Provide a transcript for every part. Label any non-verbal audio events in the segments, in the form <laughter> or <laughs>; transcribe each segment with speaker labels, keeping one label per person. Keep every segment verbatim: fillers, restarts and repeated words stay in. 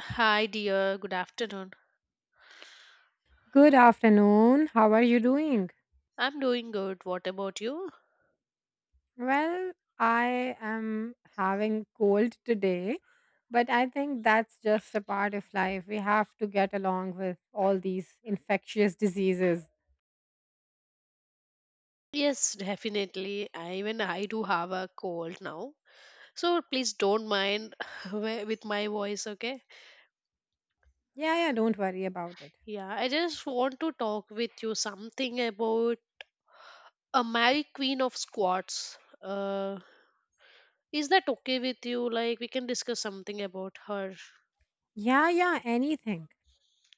Speaker 1: Hi, dear. Good afternoon.
Speaker 2: Good afternoon. How are you doing?
Speaker 1: I'm doing good. What about you?
Speaker 2: Well, I am having cold today, but I think that's just a part of life. We have to get along with all these infectious diseases.
Speaker 1: Yes, definitely. I, even I do have a cold now. So please don't mind <laughs> wi- with my voice, okay?
Speaker 2: Yeah, yeah, don't worry about it.
Speaker 1: Yeah, I just want to talk with you something about a Mary Queen of Squats. Uh, is that okay with you? Like, we can discuss something about her.
Speaker 2: Yeah, yeah, anything.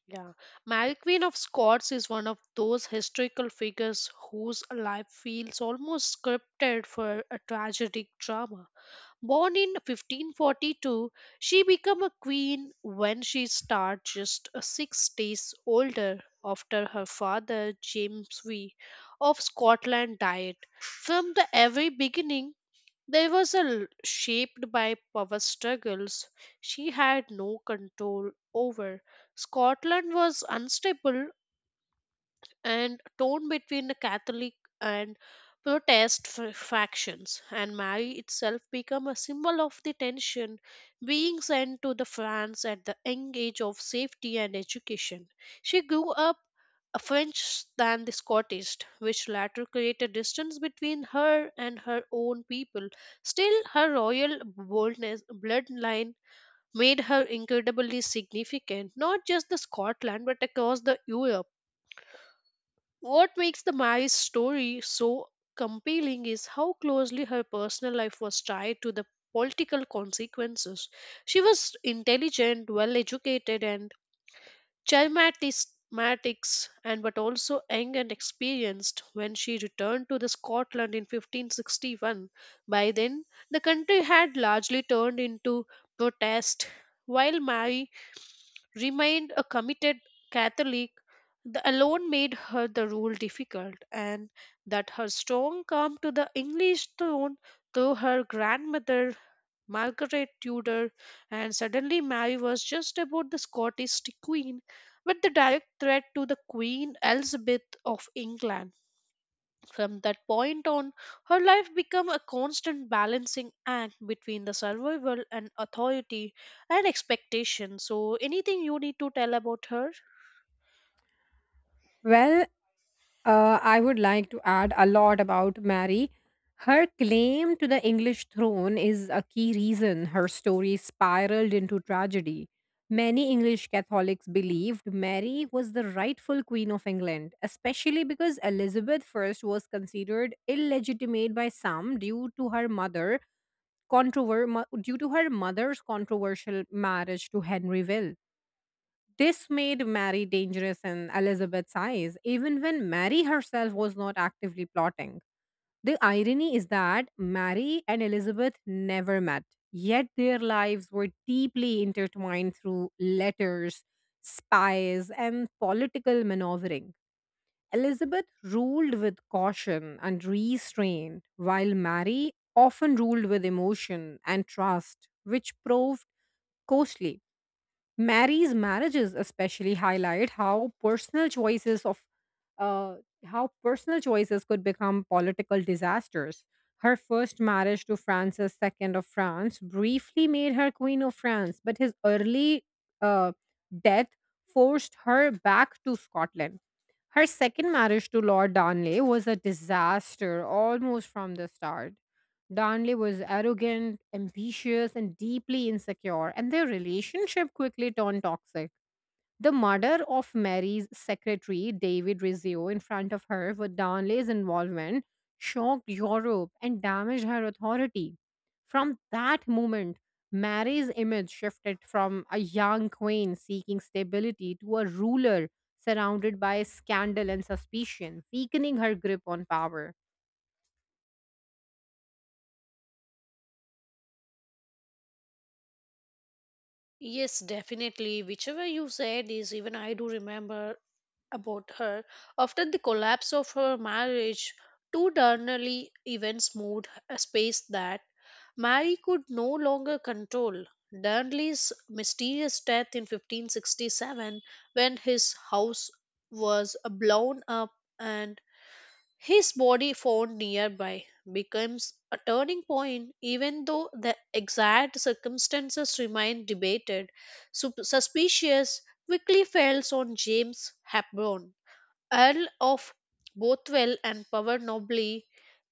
Speaker 1: Yeah, Mary Queen of Scots is one of those historical figures whose life feels almost scripted for a tragic drama. Born in fifteen forty-two, she became a queen when she started just uh, six days older after her father James V of Scotland died. From the very beginning, there was a l- shaped by power struggles she had no control over. Scotland was unstable and torn between the Catholic and Protest f- factions, and Mary itself became a symbol of the tension, being sent to the France at the young age of safety and education. She grew up a French than the Scottish, which latter created distance between her and her own people. Still, her royal boldness bloodline made her incredibly significant, not just the Scotland but across the Europe. What makes the Mary's story so compelling is how closely her personal life was tied to the political consequences. She was intelligent, well educated, and charismatics, and but also young and experienced when she returned to the Scotland in fifteen sixty-one. By then, the country had largely turned into protest, while Mary remained a committed Catholic. The alone made her the rule difficult, and that her strong claim to the English throne through her grandmother Margaret Tudor, and suddenly Mary was just about the Scottish queen, but the direct threat to the Queen Elizabeth of England. From that point on, her life became a constant balancing act between the survival and authority and expectation. So, anything you need to tell about her?
Speaker 2: Well, Uh, I would like to add a lot about Mary. Her claim to the English throne is a key reason her story spiraled into tragedy. Many English Catholics believed Mary was the rightful Queen of England, especially because Elizabeth one was considered illegitimate by some due to her mother controver- mo- due to her mother's controversial marriage to Henry Will. This made Mary dangerous in Elizabeth's eyes, even when Mary herself was not actively plotting. The irony is that Mary and Elizabeth never met, yet their lives were deeply intertwined through letters, spies, and political maneuvering. Elizabeth ruled with caution and restraint, while Mary often ruled with emotion and trust, which proved costly. Mary's marriages especially highlight how personal choices of uh, how personal choices could become political disasters. Her first marriage to Francis two of France briefly made her Queen of France, but his early uh, death forced her back to Scotland. Her second marriage to Lord Darnley was a disaster almost from the start. Darnley was arrogant, ambitious, and deeply insecure, and their relationship quickly turned toxic. The murder of Mary's secretary, David Rizzio, in front of her for Darnley's involvement shocked Europe and damaged her authority. From that moment, Mary's image shifted from a young queen seeking stability to a ruler surrounded by scandal and suspicion, weakening her grip on power.
Speaker 1: Yes, definitely. Whichever you said is even I do remember about her. After the collapse of her marriage, two diurnally events moved a space that Mary could no longer control. Darnley's mysterious death in fifteen sixty-seven, when his house was blown up and his body found nearby, becomes a turning point, even though the exact circumstances remain debated. Sup- suspicious quickly falls on James Hepburn, Earl of Bothwell and power nobly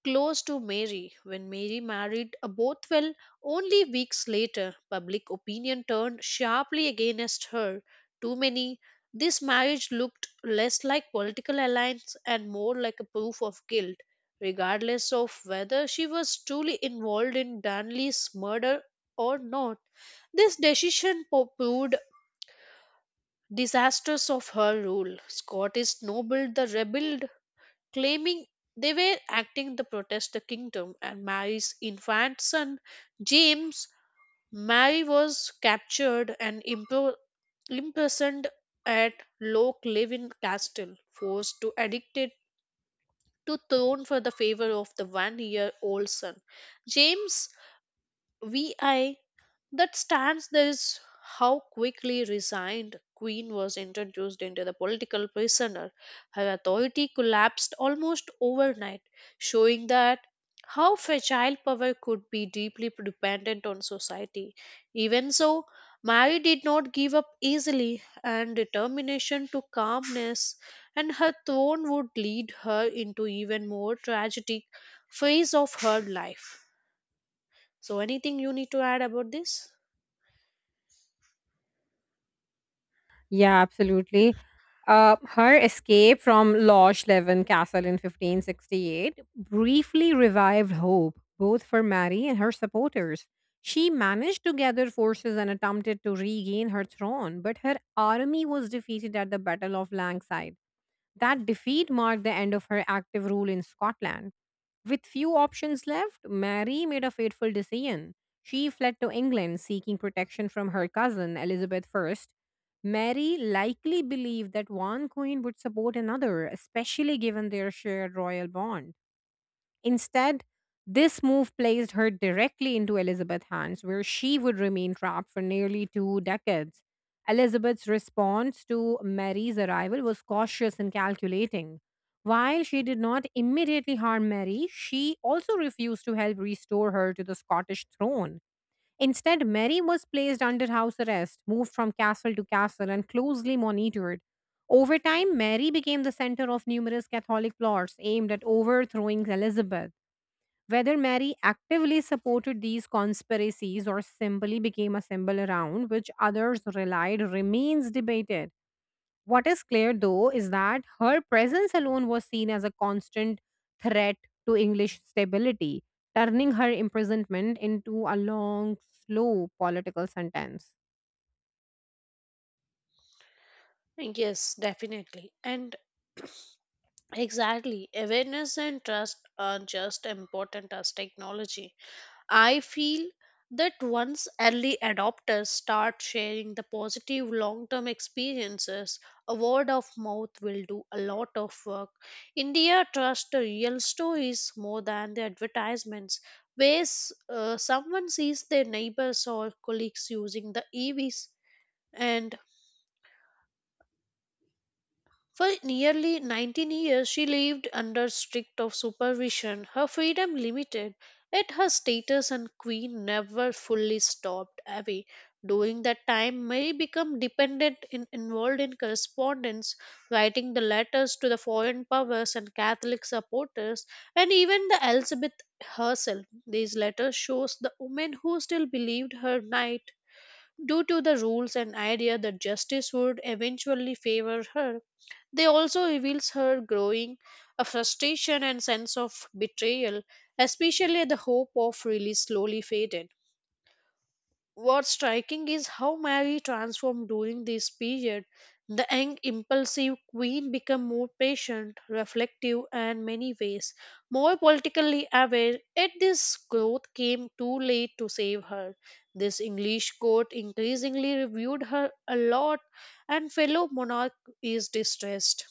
Speaker 1: close to Mary. When Mary married a Bothwell only weeks later, public opinion turned sharply against her. Too many, this marriage looked less like political alliance and more like a proof of guilt, regardless of whether she was truly involved in Darnley's murder or not. This decision po- proved disastrous of her rule. Scottish noble the rebelled claiming they were acting to protest the kingdom and Mary's infant son James. Mary was captured and impro- imprisoned at Loch Leven Castle, forced to addicted to throne for the favor of the one year old son. James the sixth that stands this how quickly resigned queen was introduced into the political prisoner. Her authority collapsed almost overnight, showing that how fragile power could be deeply dependent on society. Even so, mary did not give up easily and determination to calmness and her throne would lead her into even more tragic phase of her life. So, anything you need to add about this?
Speaker 2: Yeah, absolutely. Uh, her escape from Loch Leven Castle in fifteen sixty-eight briefly revived hope, both for Mary and her supporters. She managed to gather forces and attempted to regain her throne, but her army was defeated at the Battle of Langside. That defeat marked the end of her active rule in Scotland. With few options left, Mary made a fateful decision. She fled to England seeking protection from her cousin Elizabeth one. Mary likely believed that one queen would support another, especially given their shared royal bond. Instead, this move placed her directly into Elizabeth's hands, where she would remain trapped for nearly two decades. Elizabeth's response to Mary's arrival was cautious and calculating. While she did not immediately harm Mary, she also refused to help restore her to the Scottish throne. Instead, Mary was placed under house arrest, moved from castle to castle, and closely monitored. Over time, Mary became the center of numerous Catholic plots aimed at overthrowing Elizabeth. Whether Mary actively supported these conspiracies or simply became a symbol around which others relied remains debated. What is clear, though, is that her presence alone was seen as a constant threat to English stability, turning her imprisonment into a long, slow political sentence.
Speaker 1: Yes, definitely. And exactly, awareness and trust are just important as technology. I feel that once early adopters start sharing the positive long term experiences, a word of mouth will do a lot of work. India trusts the real stories more than the advertisements, where s- uh, someone sees their neighbors or colleagues using the E Vs. And for nearly nineteen years, she lived under strict of supervision, her freedom limited, yet her status as queen never fully stopped away. During that time, Mary became dependent and involved in correspondence, writing the letters to the foreign powers and Catholic supporters, and even the Elizabeth herself. These letters shows the woman who still believed her knight due to the rules and idea that justice would eventually favor her. They also reveals her growing a frustration and sense of betrayal, especially the hope of release slowly faded. What's striking is how Mary transformed during this period. The young, impulsive queen became more patient, reflective, and many ways more politically aware. Yet this growth came too late to save her. This English court increasingly reviewed her a lot, and fellow monarch is distressed.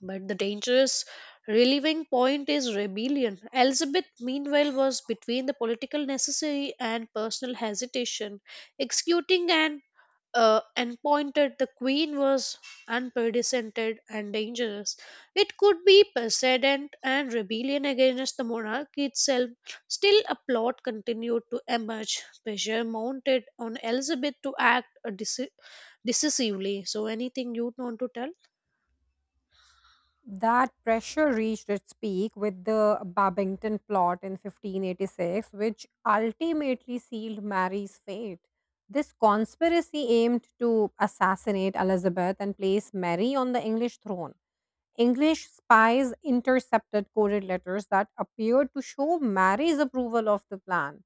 Speaker 1: But the dangerous relieving point is rebellion. Elizabeth, meanwhile, was between the political necessity and personal hesitation. Executing an uh, appointed, the queen was unprecedented and dangerous. It could be precedent and rebellion against the monarchy itself. Still, a plot continued to emerge. Pressure mounted on Elizabeth to act uh, deci- decisively. So, anything you'd want to tell?
Speaker 2: That pressure reached its peak with the Babington plot in fifteen eighty-six, which ultimately sealed Mary's fate. This conspiracy aimed to assassinate Elizabeth and place Mary on the English throne. English spies intercepted coded letters that appeared to show Mary's approval of the plan.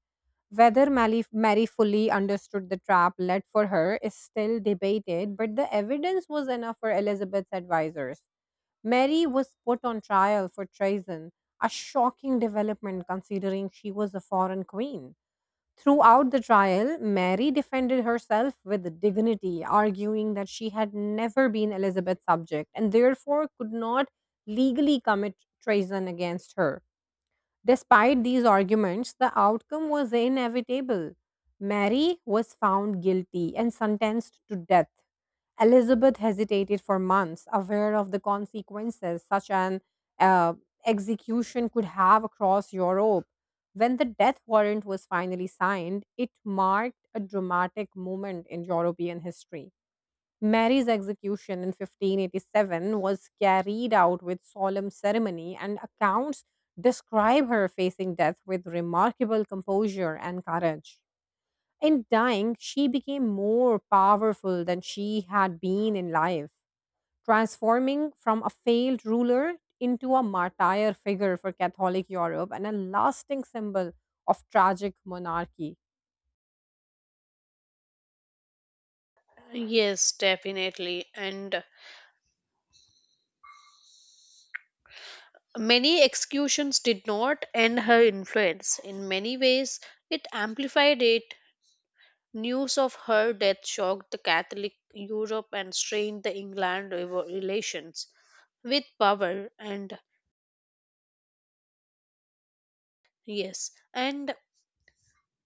Speaker 2: Whether Mally- Mary fully understood the trap led for her is still debated, but the evidence was enough for Elizabeth's advisors. Mary was put on trial for treason, a shocking development considering she was a foreign queen. Throughout the trial, Mary defended herself with dignity, arguing that she had never been Elizabeth's subject and therefore could not legally commit treason against her. Despite these arguments, the outcome was inevitable. Mary was found guilty and sentenced to death. Elizabeth hesitated for months, aware of the consequences such an uh, execution could have across Europe. When the death warrant was finally signed, it marked a dramatic moment in European history. Mary's execution in fifteen eighty-seven was carried out with solemn ceremony, and accounts describe her facing death with remarkable composure and courage. In dying, she became more powerful than she had been in life, transforming from a failed ruler into a martyr figure for Catholic Europe and a lasting symbol of tragic monarchy.
Speaker 1: Yes, definitely. And many executions did not end her influence. In many ways, it amplified it. News of her death shocked the Catholic Europe and strained the England revo- relations with power. And yes, and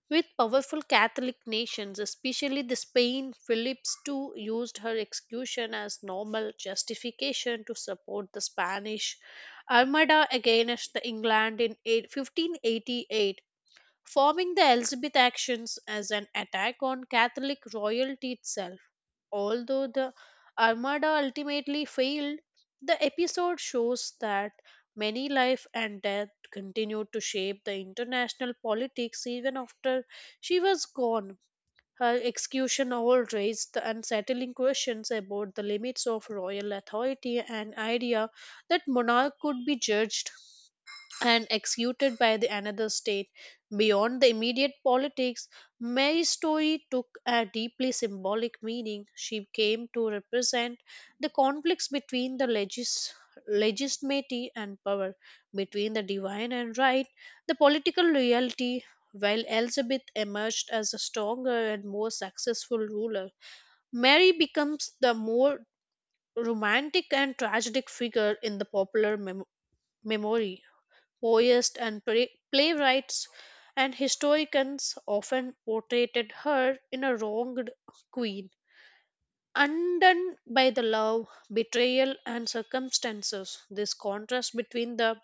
Speaker 1: with powerful Catholic nations, especially the Spain, Philip's two used her execution as normal justification to support the Spanish Armada against the England in eight- fifteen eighty-eight, forming the Elizabeth actions as an attack on Catholic royalty itself. Although the Armada ultimately failed, the episode shows that many life and death continued to shape the international politics even after she was gone. Her execution all raised the unsettling questions about the limits of royal authority and idea that monarch could be judged and executed by the another state. Beyond the immediate politics, Mary's story took a deeply symbolic meaning. She came to represent the conflicts between the legis- legitimacy and power, between the divine and right, the political reality. While Elizabeth emerged as a stronger and more successful ruler, Mary becomes the more romantic and tragic figure in the popular mem- memory. Poets and play- playwrights and historians often portrayed her in a wronged queen, undone by the love, betrayal, and circumstances. This contrast between the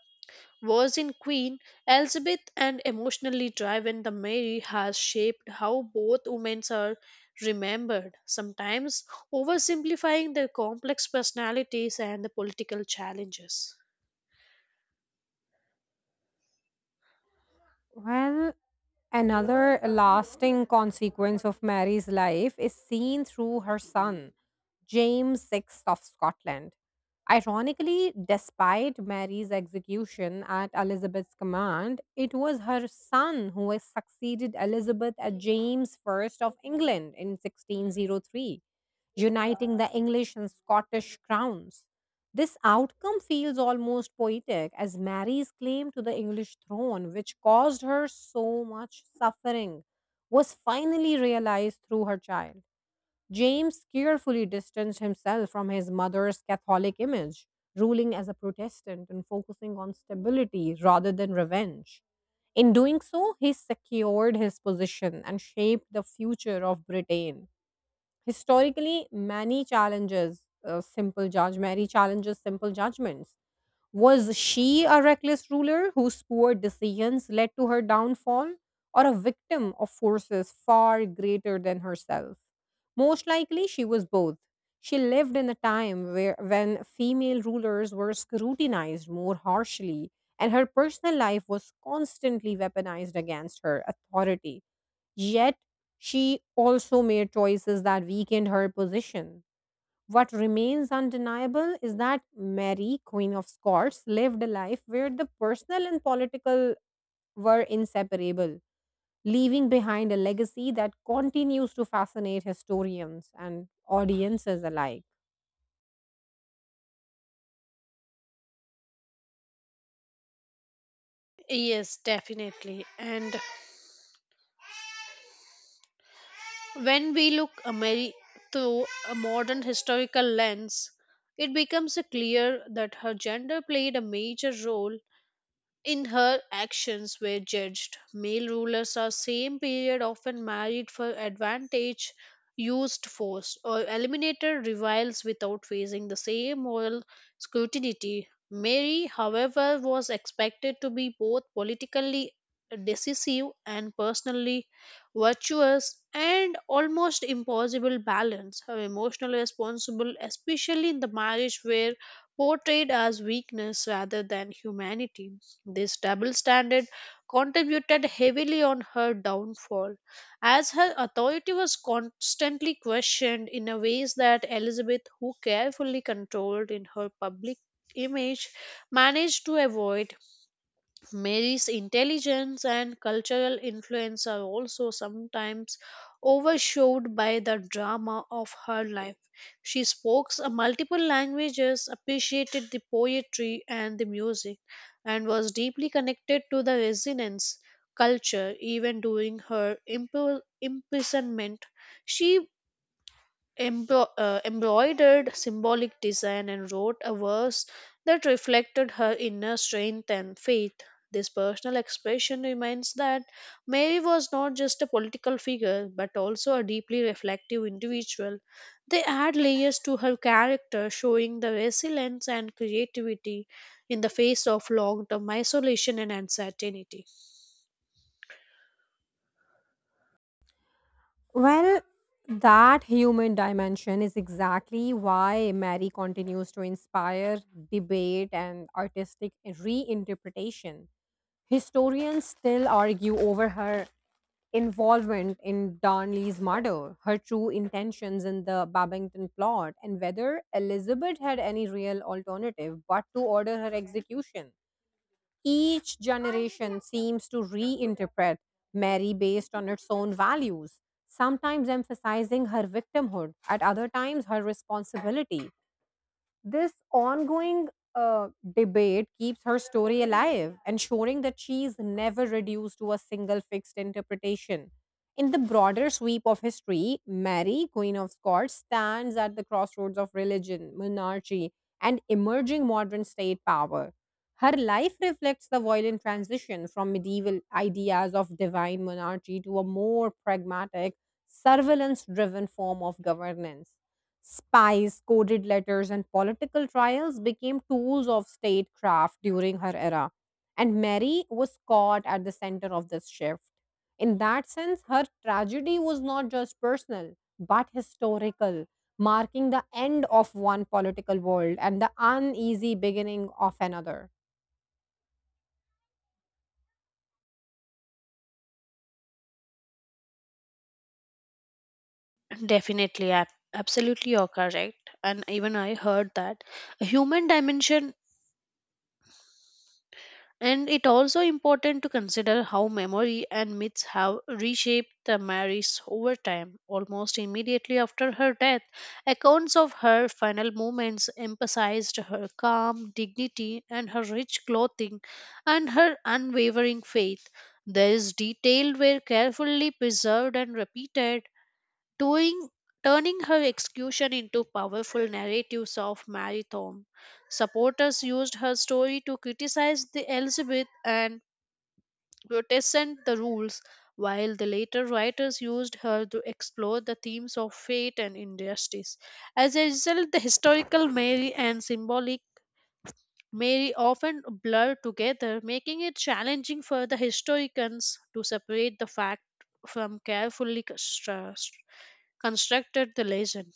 Speaker 1: virgin queen Elizabeth and emotionally driven the Mary has shaped how both women are remembered, sometimes oversimplifying their complex personalities and the political challenges.
Speaker 2: Well, Another lasting consequence of Mary's life is seen through her son, James six of Scotland. Ironically, despite Mary's execution at Elizabeth's command, it was her son who has succeeded Elizabeth as James I of England in sixteen oh three, uniting the English and Scottish crowns. This outcome feels almost poetic as Mary's claim to the English throne, which caused her so much suffering, was finally realized through her child. James carefully distanced himself from his mother's Catholic image, ruling as a Protestant and focusing on stability rather than revenge. In doing so, he secured his position and shaped the future of Britain. Historically, many challenges uh, simple judge Mary challenges simple judgments. Was she a reckless ruler whose poor decisions led to her downfall, or a victim of forces far greater than herself? Most likely, she was both. She lived in a time where when female rulers were scrutinized more harshly, and her personal life was constantly weaponized against her authority. Yet, she also made choices that weakened her position. What remains undeniable is that Mary, Queen of Scots, lived a life where the personal and political were inseparable, leaving behind a legacy that continues to fascinate historians and audiences alike.
Speaker 1: Yes, definitely. And when we look a through a modern historical lens, it becomes clear that her gender played a major role in her actions were judged. Male rulers of same period often married for advantage, used force, or eliminated rivals without facing the same moral scrutiny. Mary, however, was expected to be both politically decisive and personally virtuous and almost impossible balance her emotional responsible especially in the marriage where portrayed as weakness rather than humanity. This double standard contributed heavily on her downfall, as her authority was constantly questioned in a ways that Elizabeth, who carefully controlled in her public image, managed to avoid. Mary's intelligence and cultural influence are also sometimes overshadowed by the drama of her life. She spoke s- multiple languages, appreciated the poetry and the music, and was deeply connected to the resonance culture even during her impri- imprisonment. She embro- uh, embroidered symbolic design and wrote a verse that reflected her inner strength and faith. This personal expression reminds that Mary was not just a political figure but also a deeply reflective individual. They add layers to her character, showing the resilience and creativity in the face of long term isolation and uncertainty.
Speaker 2: Well, that human dimension is exactly why Mary continues to inspire debate and artistic reinterpretation. Historians still argue over her involvement in Darnley's murder, her true intentions in the Babington plot, and whether Elizabeth had any real alternative but to order her execution. Each generation seems to reinterpret Mary based on its own values, sometimes emphasizing her victimhood, at other times her responsibility. This ongoing uh, debate keeps her story alive, ensuring that she is never reduced to a single fixed interpretation. In the broader sweep of history, Mary, Queen of Scots, stands at the crossroads of religion, monarchy, and emerging modern state power. Her life reflects the violent transition from medieval ideas of divine monarchy to a more pragmatic, surveillance driven form of governance. Spies, coded letters, and political trials became tools of statecraft during her era. And Mary was caught at the center of this shift. In that sense, her tragedy was not just personal, but historical, marking the end of one political world and the uneasy beginning of another.
Speaker 1: Definitely, ab- absolutely, you're correct. And even I heard that a human dimension and it also important to consider how memory and myths have reshaped the Marys over time. Almost immediately after her death, accounts of her final moments emphasized her calm dignity and her rich clothing and her unwavering faith. These details were carefully preserved and repeated doing, turning her execution into powerful narratives of marathon. Supporters used her story to criticize the Elizabeth and protestant the rules, while the later writers used her to explore the themes of fate and injustice. As a result, the historical Mary and symbolic Mary often blur together, making it challenging for the historians to separate the fact from carefully constru- constructed the legend.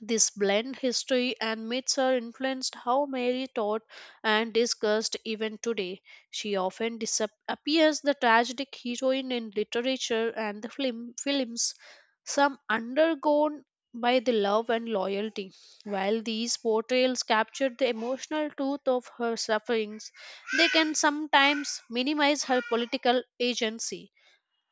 Speaker 1: This blend history and myths are influenced how Mary taught and discussed even today. She often disap- appears the tragic heroine in literature and the film films, some undergone by the love and loyalty. While these portrayals capture the emotional truth of her sufferings, they can sometimes minimize her political agency.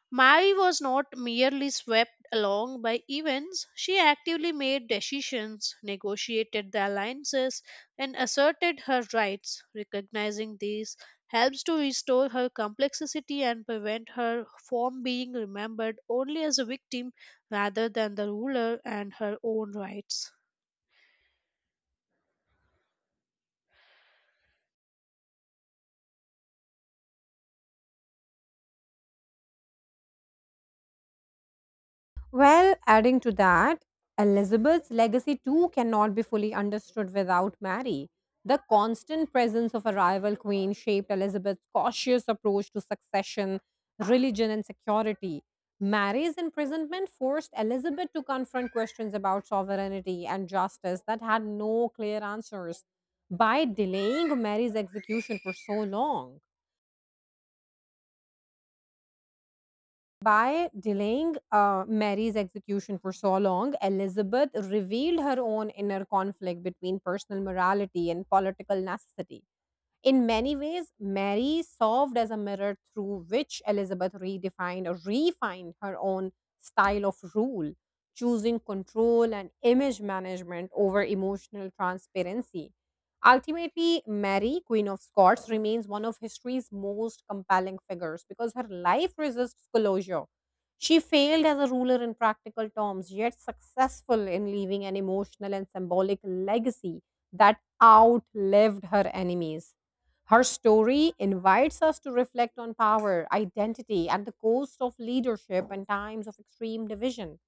Speaker 1: Mary was not merely swept along by events, she actively made decisions, negotiated the alliances, and asserted her rights. Recognizing these helps to restore her complexity and prevent her from being remembered only as a victim rather than the ruler and her own rights.
Speaker 2: Well, adding to that, Elizabeth's legacy too cannot be fully understood without Mary. The constant presence of a rival queen shaped Elizabeth's cautious approach to succession, religion, and security. Mary's imprisonment forced Elizabeth to confront questions about sovereignty and justice that had no clear answers by delaying Mary's execution for so long. By delaying uh, Mary's execution for so long, Elizabeth revealed her own inner conflict between personal morality and political necessity. In many ways, Mary served as a mirror through which Elizabeth redefined or refined her own style of rule, choosing control and image management over emotional transparency. Ultimately, Mary, Queen of Scots, remains one of history's most compelling figures because her life resists closure. She failed as a ruler in practical terms, yet successful in leaving an emotional and symbolic legacy that outlived her enemies. Her story invites us to reflect on power, identity, and the cost of leadership in times of extreme division.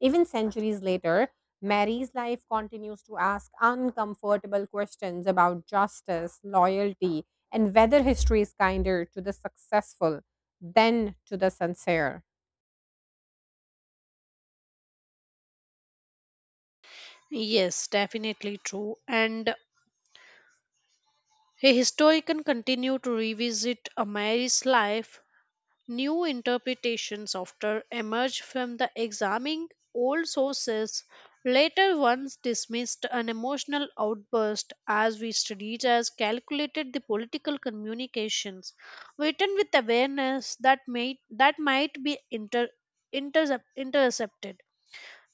Speaker 2: Even centuries later, Mary's life continues to ask uncomfortable questions about justice, loyalty, and whether history is kinder to the successful than to the sincere.
Speaker 1: Yes, definitely true. And a historian continue to revisit Mary's life. New interpretations often emerge from the examining old sources. Later ones dismissed an emotional outburst as we studied as calculated the political communications written with awareness that may that might be inter, intercep- intercepted.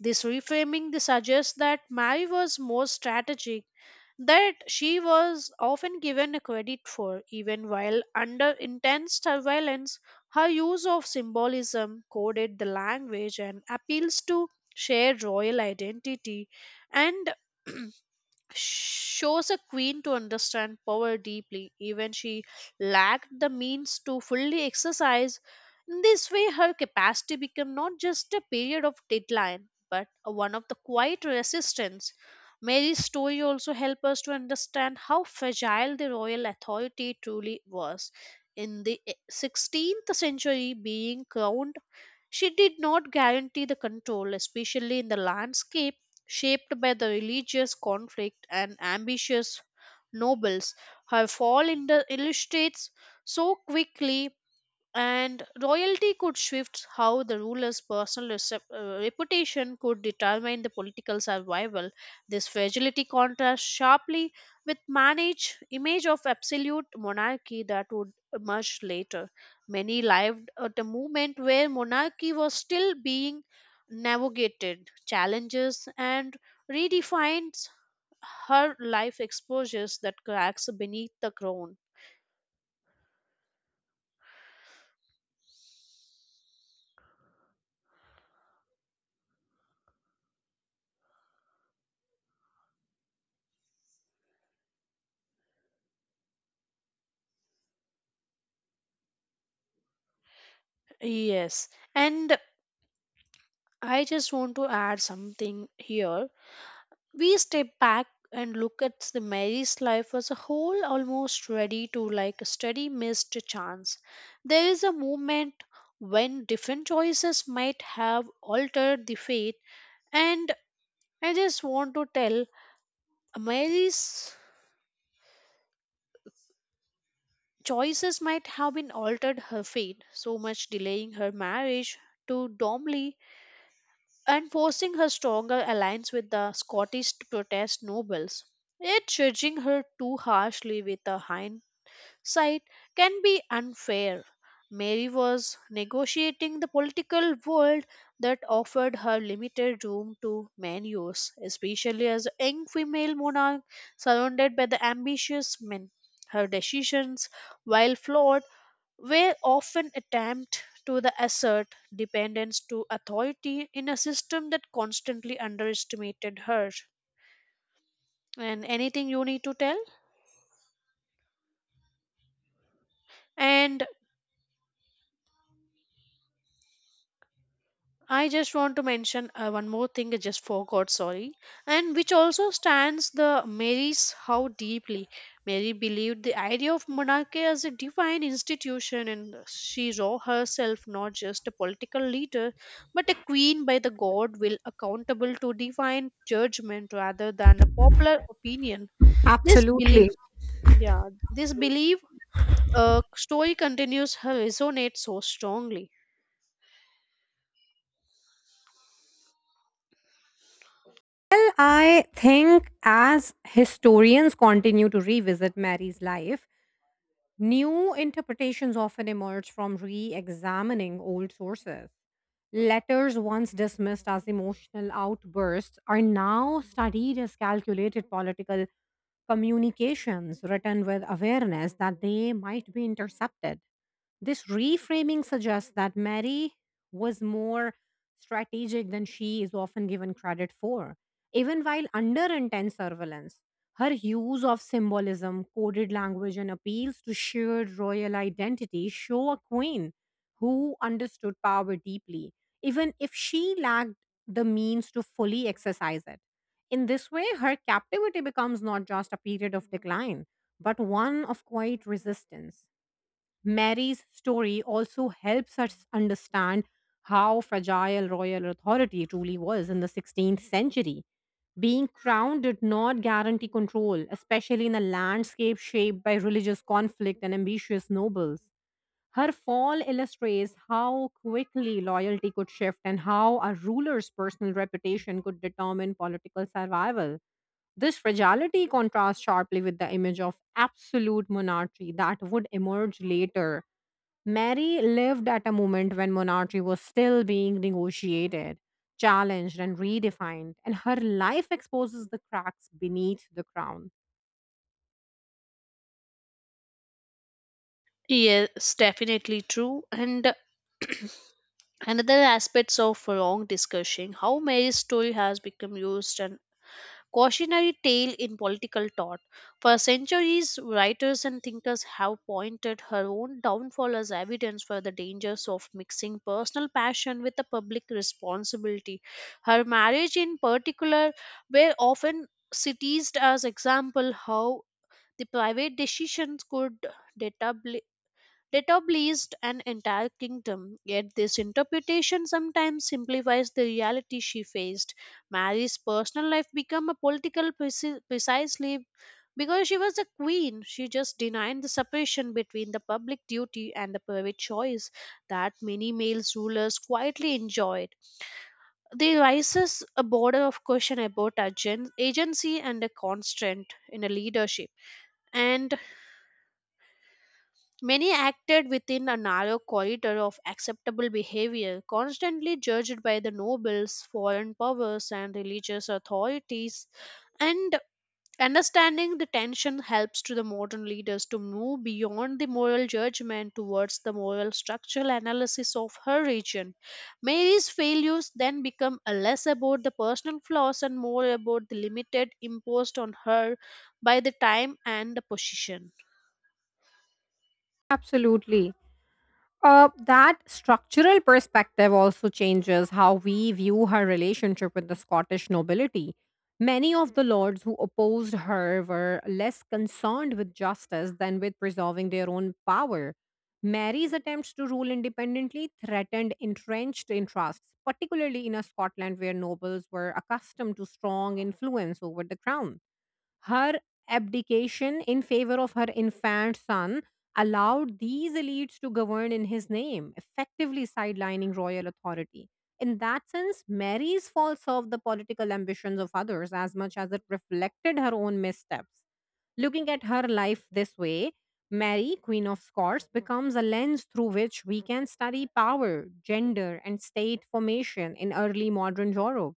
Speaker 1: This reframing the suggests that Mary was more strategic that she was often given credit for. Even while under intense surveillance, her use of symbolism, coded the language, and appeals to shared royal identity and <clears throat> shows a queen to understand power deeply, even she lacked the means to fully exercise. In this way, her capacity became not just a period of deadline, but a one of the quiet resistance. Mary's story also helps us to understand how fragile the royal authority truly was. In the sixteenth century, being crowned, she did not guarantee the control, especially in the landscape shaped by the religious conflict and ambitious nobles. Her fall in the illustrates so quickly, and royalty could shift how the ruler's personal recep- uh, reputation could determine the political survival. This fragility contrasts sharply with manage image of absolute monarchy that would emerge later. Many lived at a moment where monarchy was still being navigated challenges and redefines. Her life exposures that cracks beneath the crown. Yes. And I just want to add something here. We step back and look at the Mary's life as a whole, almost ready to like study missed chance. There is a moment when different choices might have altered the fate, and I just want to tell Mary's choices might have been altered her fate, so much delaying her marriage to Domley and forcing her stronger alliance with the Scottish to protest nobles. Yet judging her too harshly with a hindsight can be unfair. Mary was negotiating the political world that offered her limited room to maneuver, especially as a young female monarch surrounded by the ambitious men. Her decisions, while flawed, where often attempt to the assert dependence to authority in a system that constantly underestimated her. And anything you need to tell? And I just want to mention uh, one more thing I just forgot, sorry, and which also stands the Mary's how deeply Mary believed the idea of monarchy as a divine institution, and she saw herself not just a political leader but a queen by the god will, accountable to divine judgment rather than a popular opinion. This belief,
Speaker 2: Absolutely.
Speaker 1: yeah, this belief uh, story continues her resonate so strongly.
Speaker 2: Well, I think as historians continue to revisit Mary's life, new interpretations often emerge from re examining old sources. Letters once dismissed as emotional outbursts are now studied as calculated political communications written with awareness that they might be intercepted. This reframing suggests that Mary was more strategic than she is often given credit for. Even while under intense surveillance, her use of symbolism, coded language, and appeals to shared royal identity show a queen who understood power deeply, even if she lacked the means to fully exercise it. In this way, her captivity becomes not just a period of decline, but one of quiet resistance. Mary's story also helps us understand how fragile royal authority truly was in the sixteenth century. Being crowned did not guarantee control, especially in a landscape shaped by religious conflict and ambitious nobles. Her fall illustrates how quickly loyalty could shift and how a ruler's personal reputation could determine political survival. This fragility contrasts sharply with the image of absolute monarchy that would emerge later. Mary lived at a moment when monarchy was still being negotiated, challenged, and redefined, and her life exposes the cracks beneath the crown.
Speaker 1: Yes, definitely true, and <clears throat> another aspects of wrong discussion, how Mary's story has become used an cautionary tale in political thought. For centuries, writers and thinkers have pointed her own downfall as evidence for the dangers of mixing personal passion with the public responsibility. Her marriage in particular were often cited as example how the private decisions could destabilized an entire kingdom. Yet this interpretation sometimes simplifies the reality she faced. Mary's personal life became a political preci- precisely because she was a queen. She just denied the separation between the public duty and the private choice that many male rulers quietly enjoyed. There rises a border of question about agen- agency and a constraint in a leadership. And Many acted within a narrow corridor of acceptable behavior, constantly judged by the nobles, foreign powers, and religious authorities. And understanding the tension helps to the modern leaders to move beyond the moral judgment towards the moral structural analysis of her region. Mary's failures then become a less about the personal flaws and more about the limited imposed on her by the time and the position.
Speaker 2: Absolutely. Uh, that structural perspective also changes how we view her relationship with the Scottish nobility. Many of the lords who opposed her were less concerned with justice than with preserving their own power. Mary's attempts to rule independently threatened entrenched interests, particularly in a Scotland where nobles were accustomed to strong influence over the crown. Her abdication in favor of her infant son allowed these elites to govern in his name, effectively sidelining royal authority. In that sense, Mary's fall served the political ambitions of others as much as it reflected her own missteps. Looking at her life this way, Mary, Queen of Scots, becomes a lens through which we can study power, gender, and state formation in early modern Europe.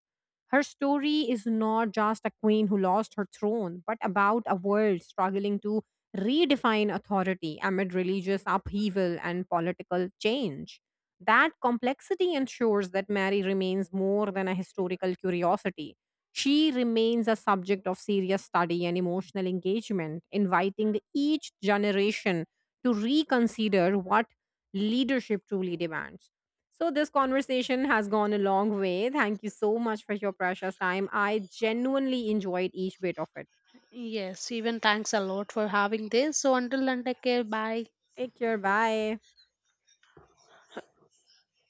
Speaker 2: Her story is not just a queen who lost her throne, but about a world struggling to redefine authority amid religious upheaval and political change. That complexity ensures that Mary remains more than a historical curiosity. She remains a subject of serious study and emotional engagement, inviting each generation to reconsider what leadership truly demands. So, this conversation has gone a long way. Thank you so much for your precious time. I genuinely enjoyed each bit of it.
Speaker 1: Yes, even thanks a lot for having this. So until then, take care. Bye.
Speaker 2: Take care. Bye.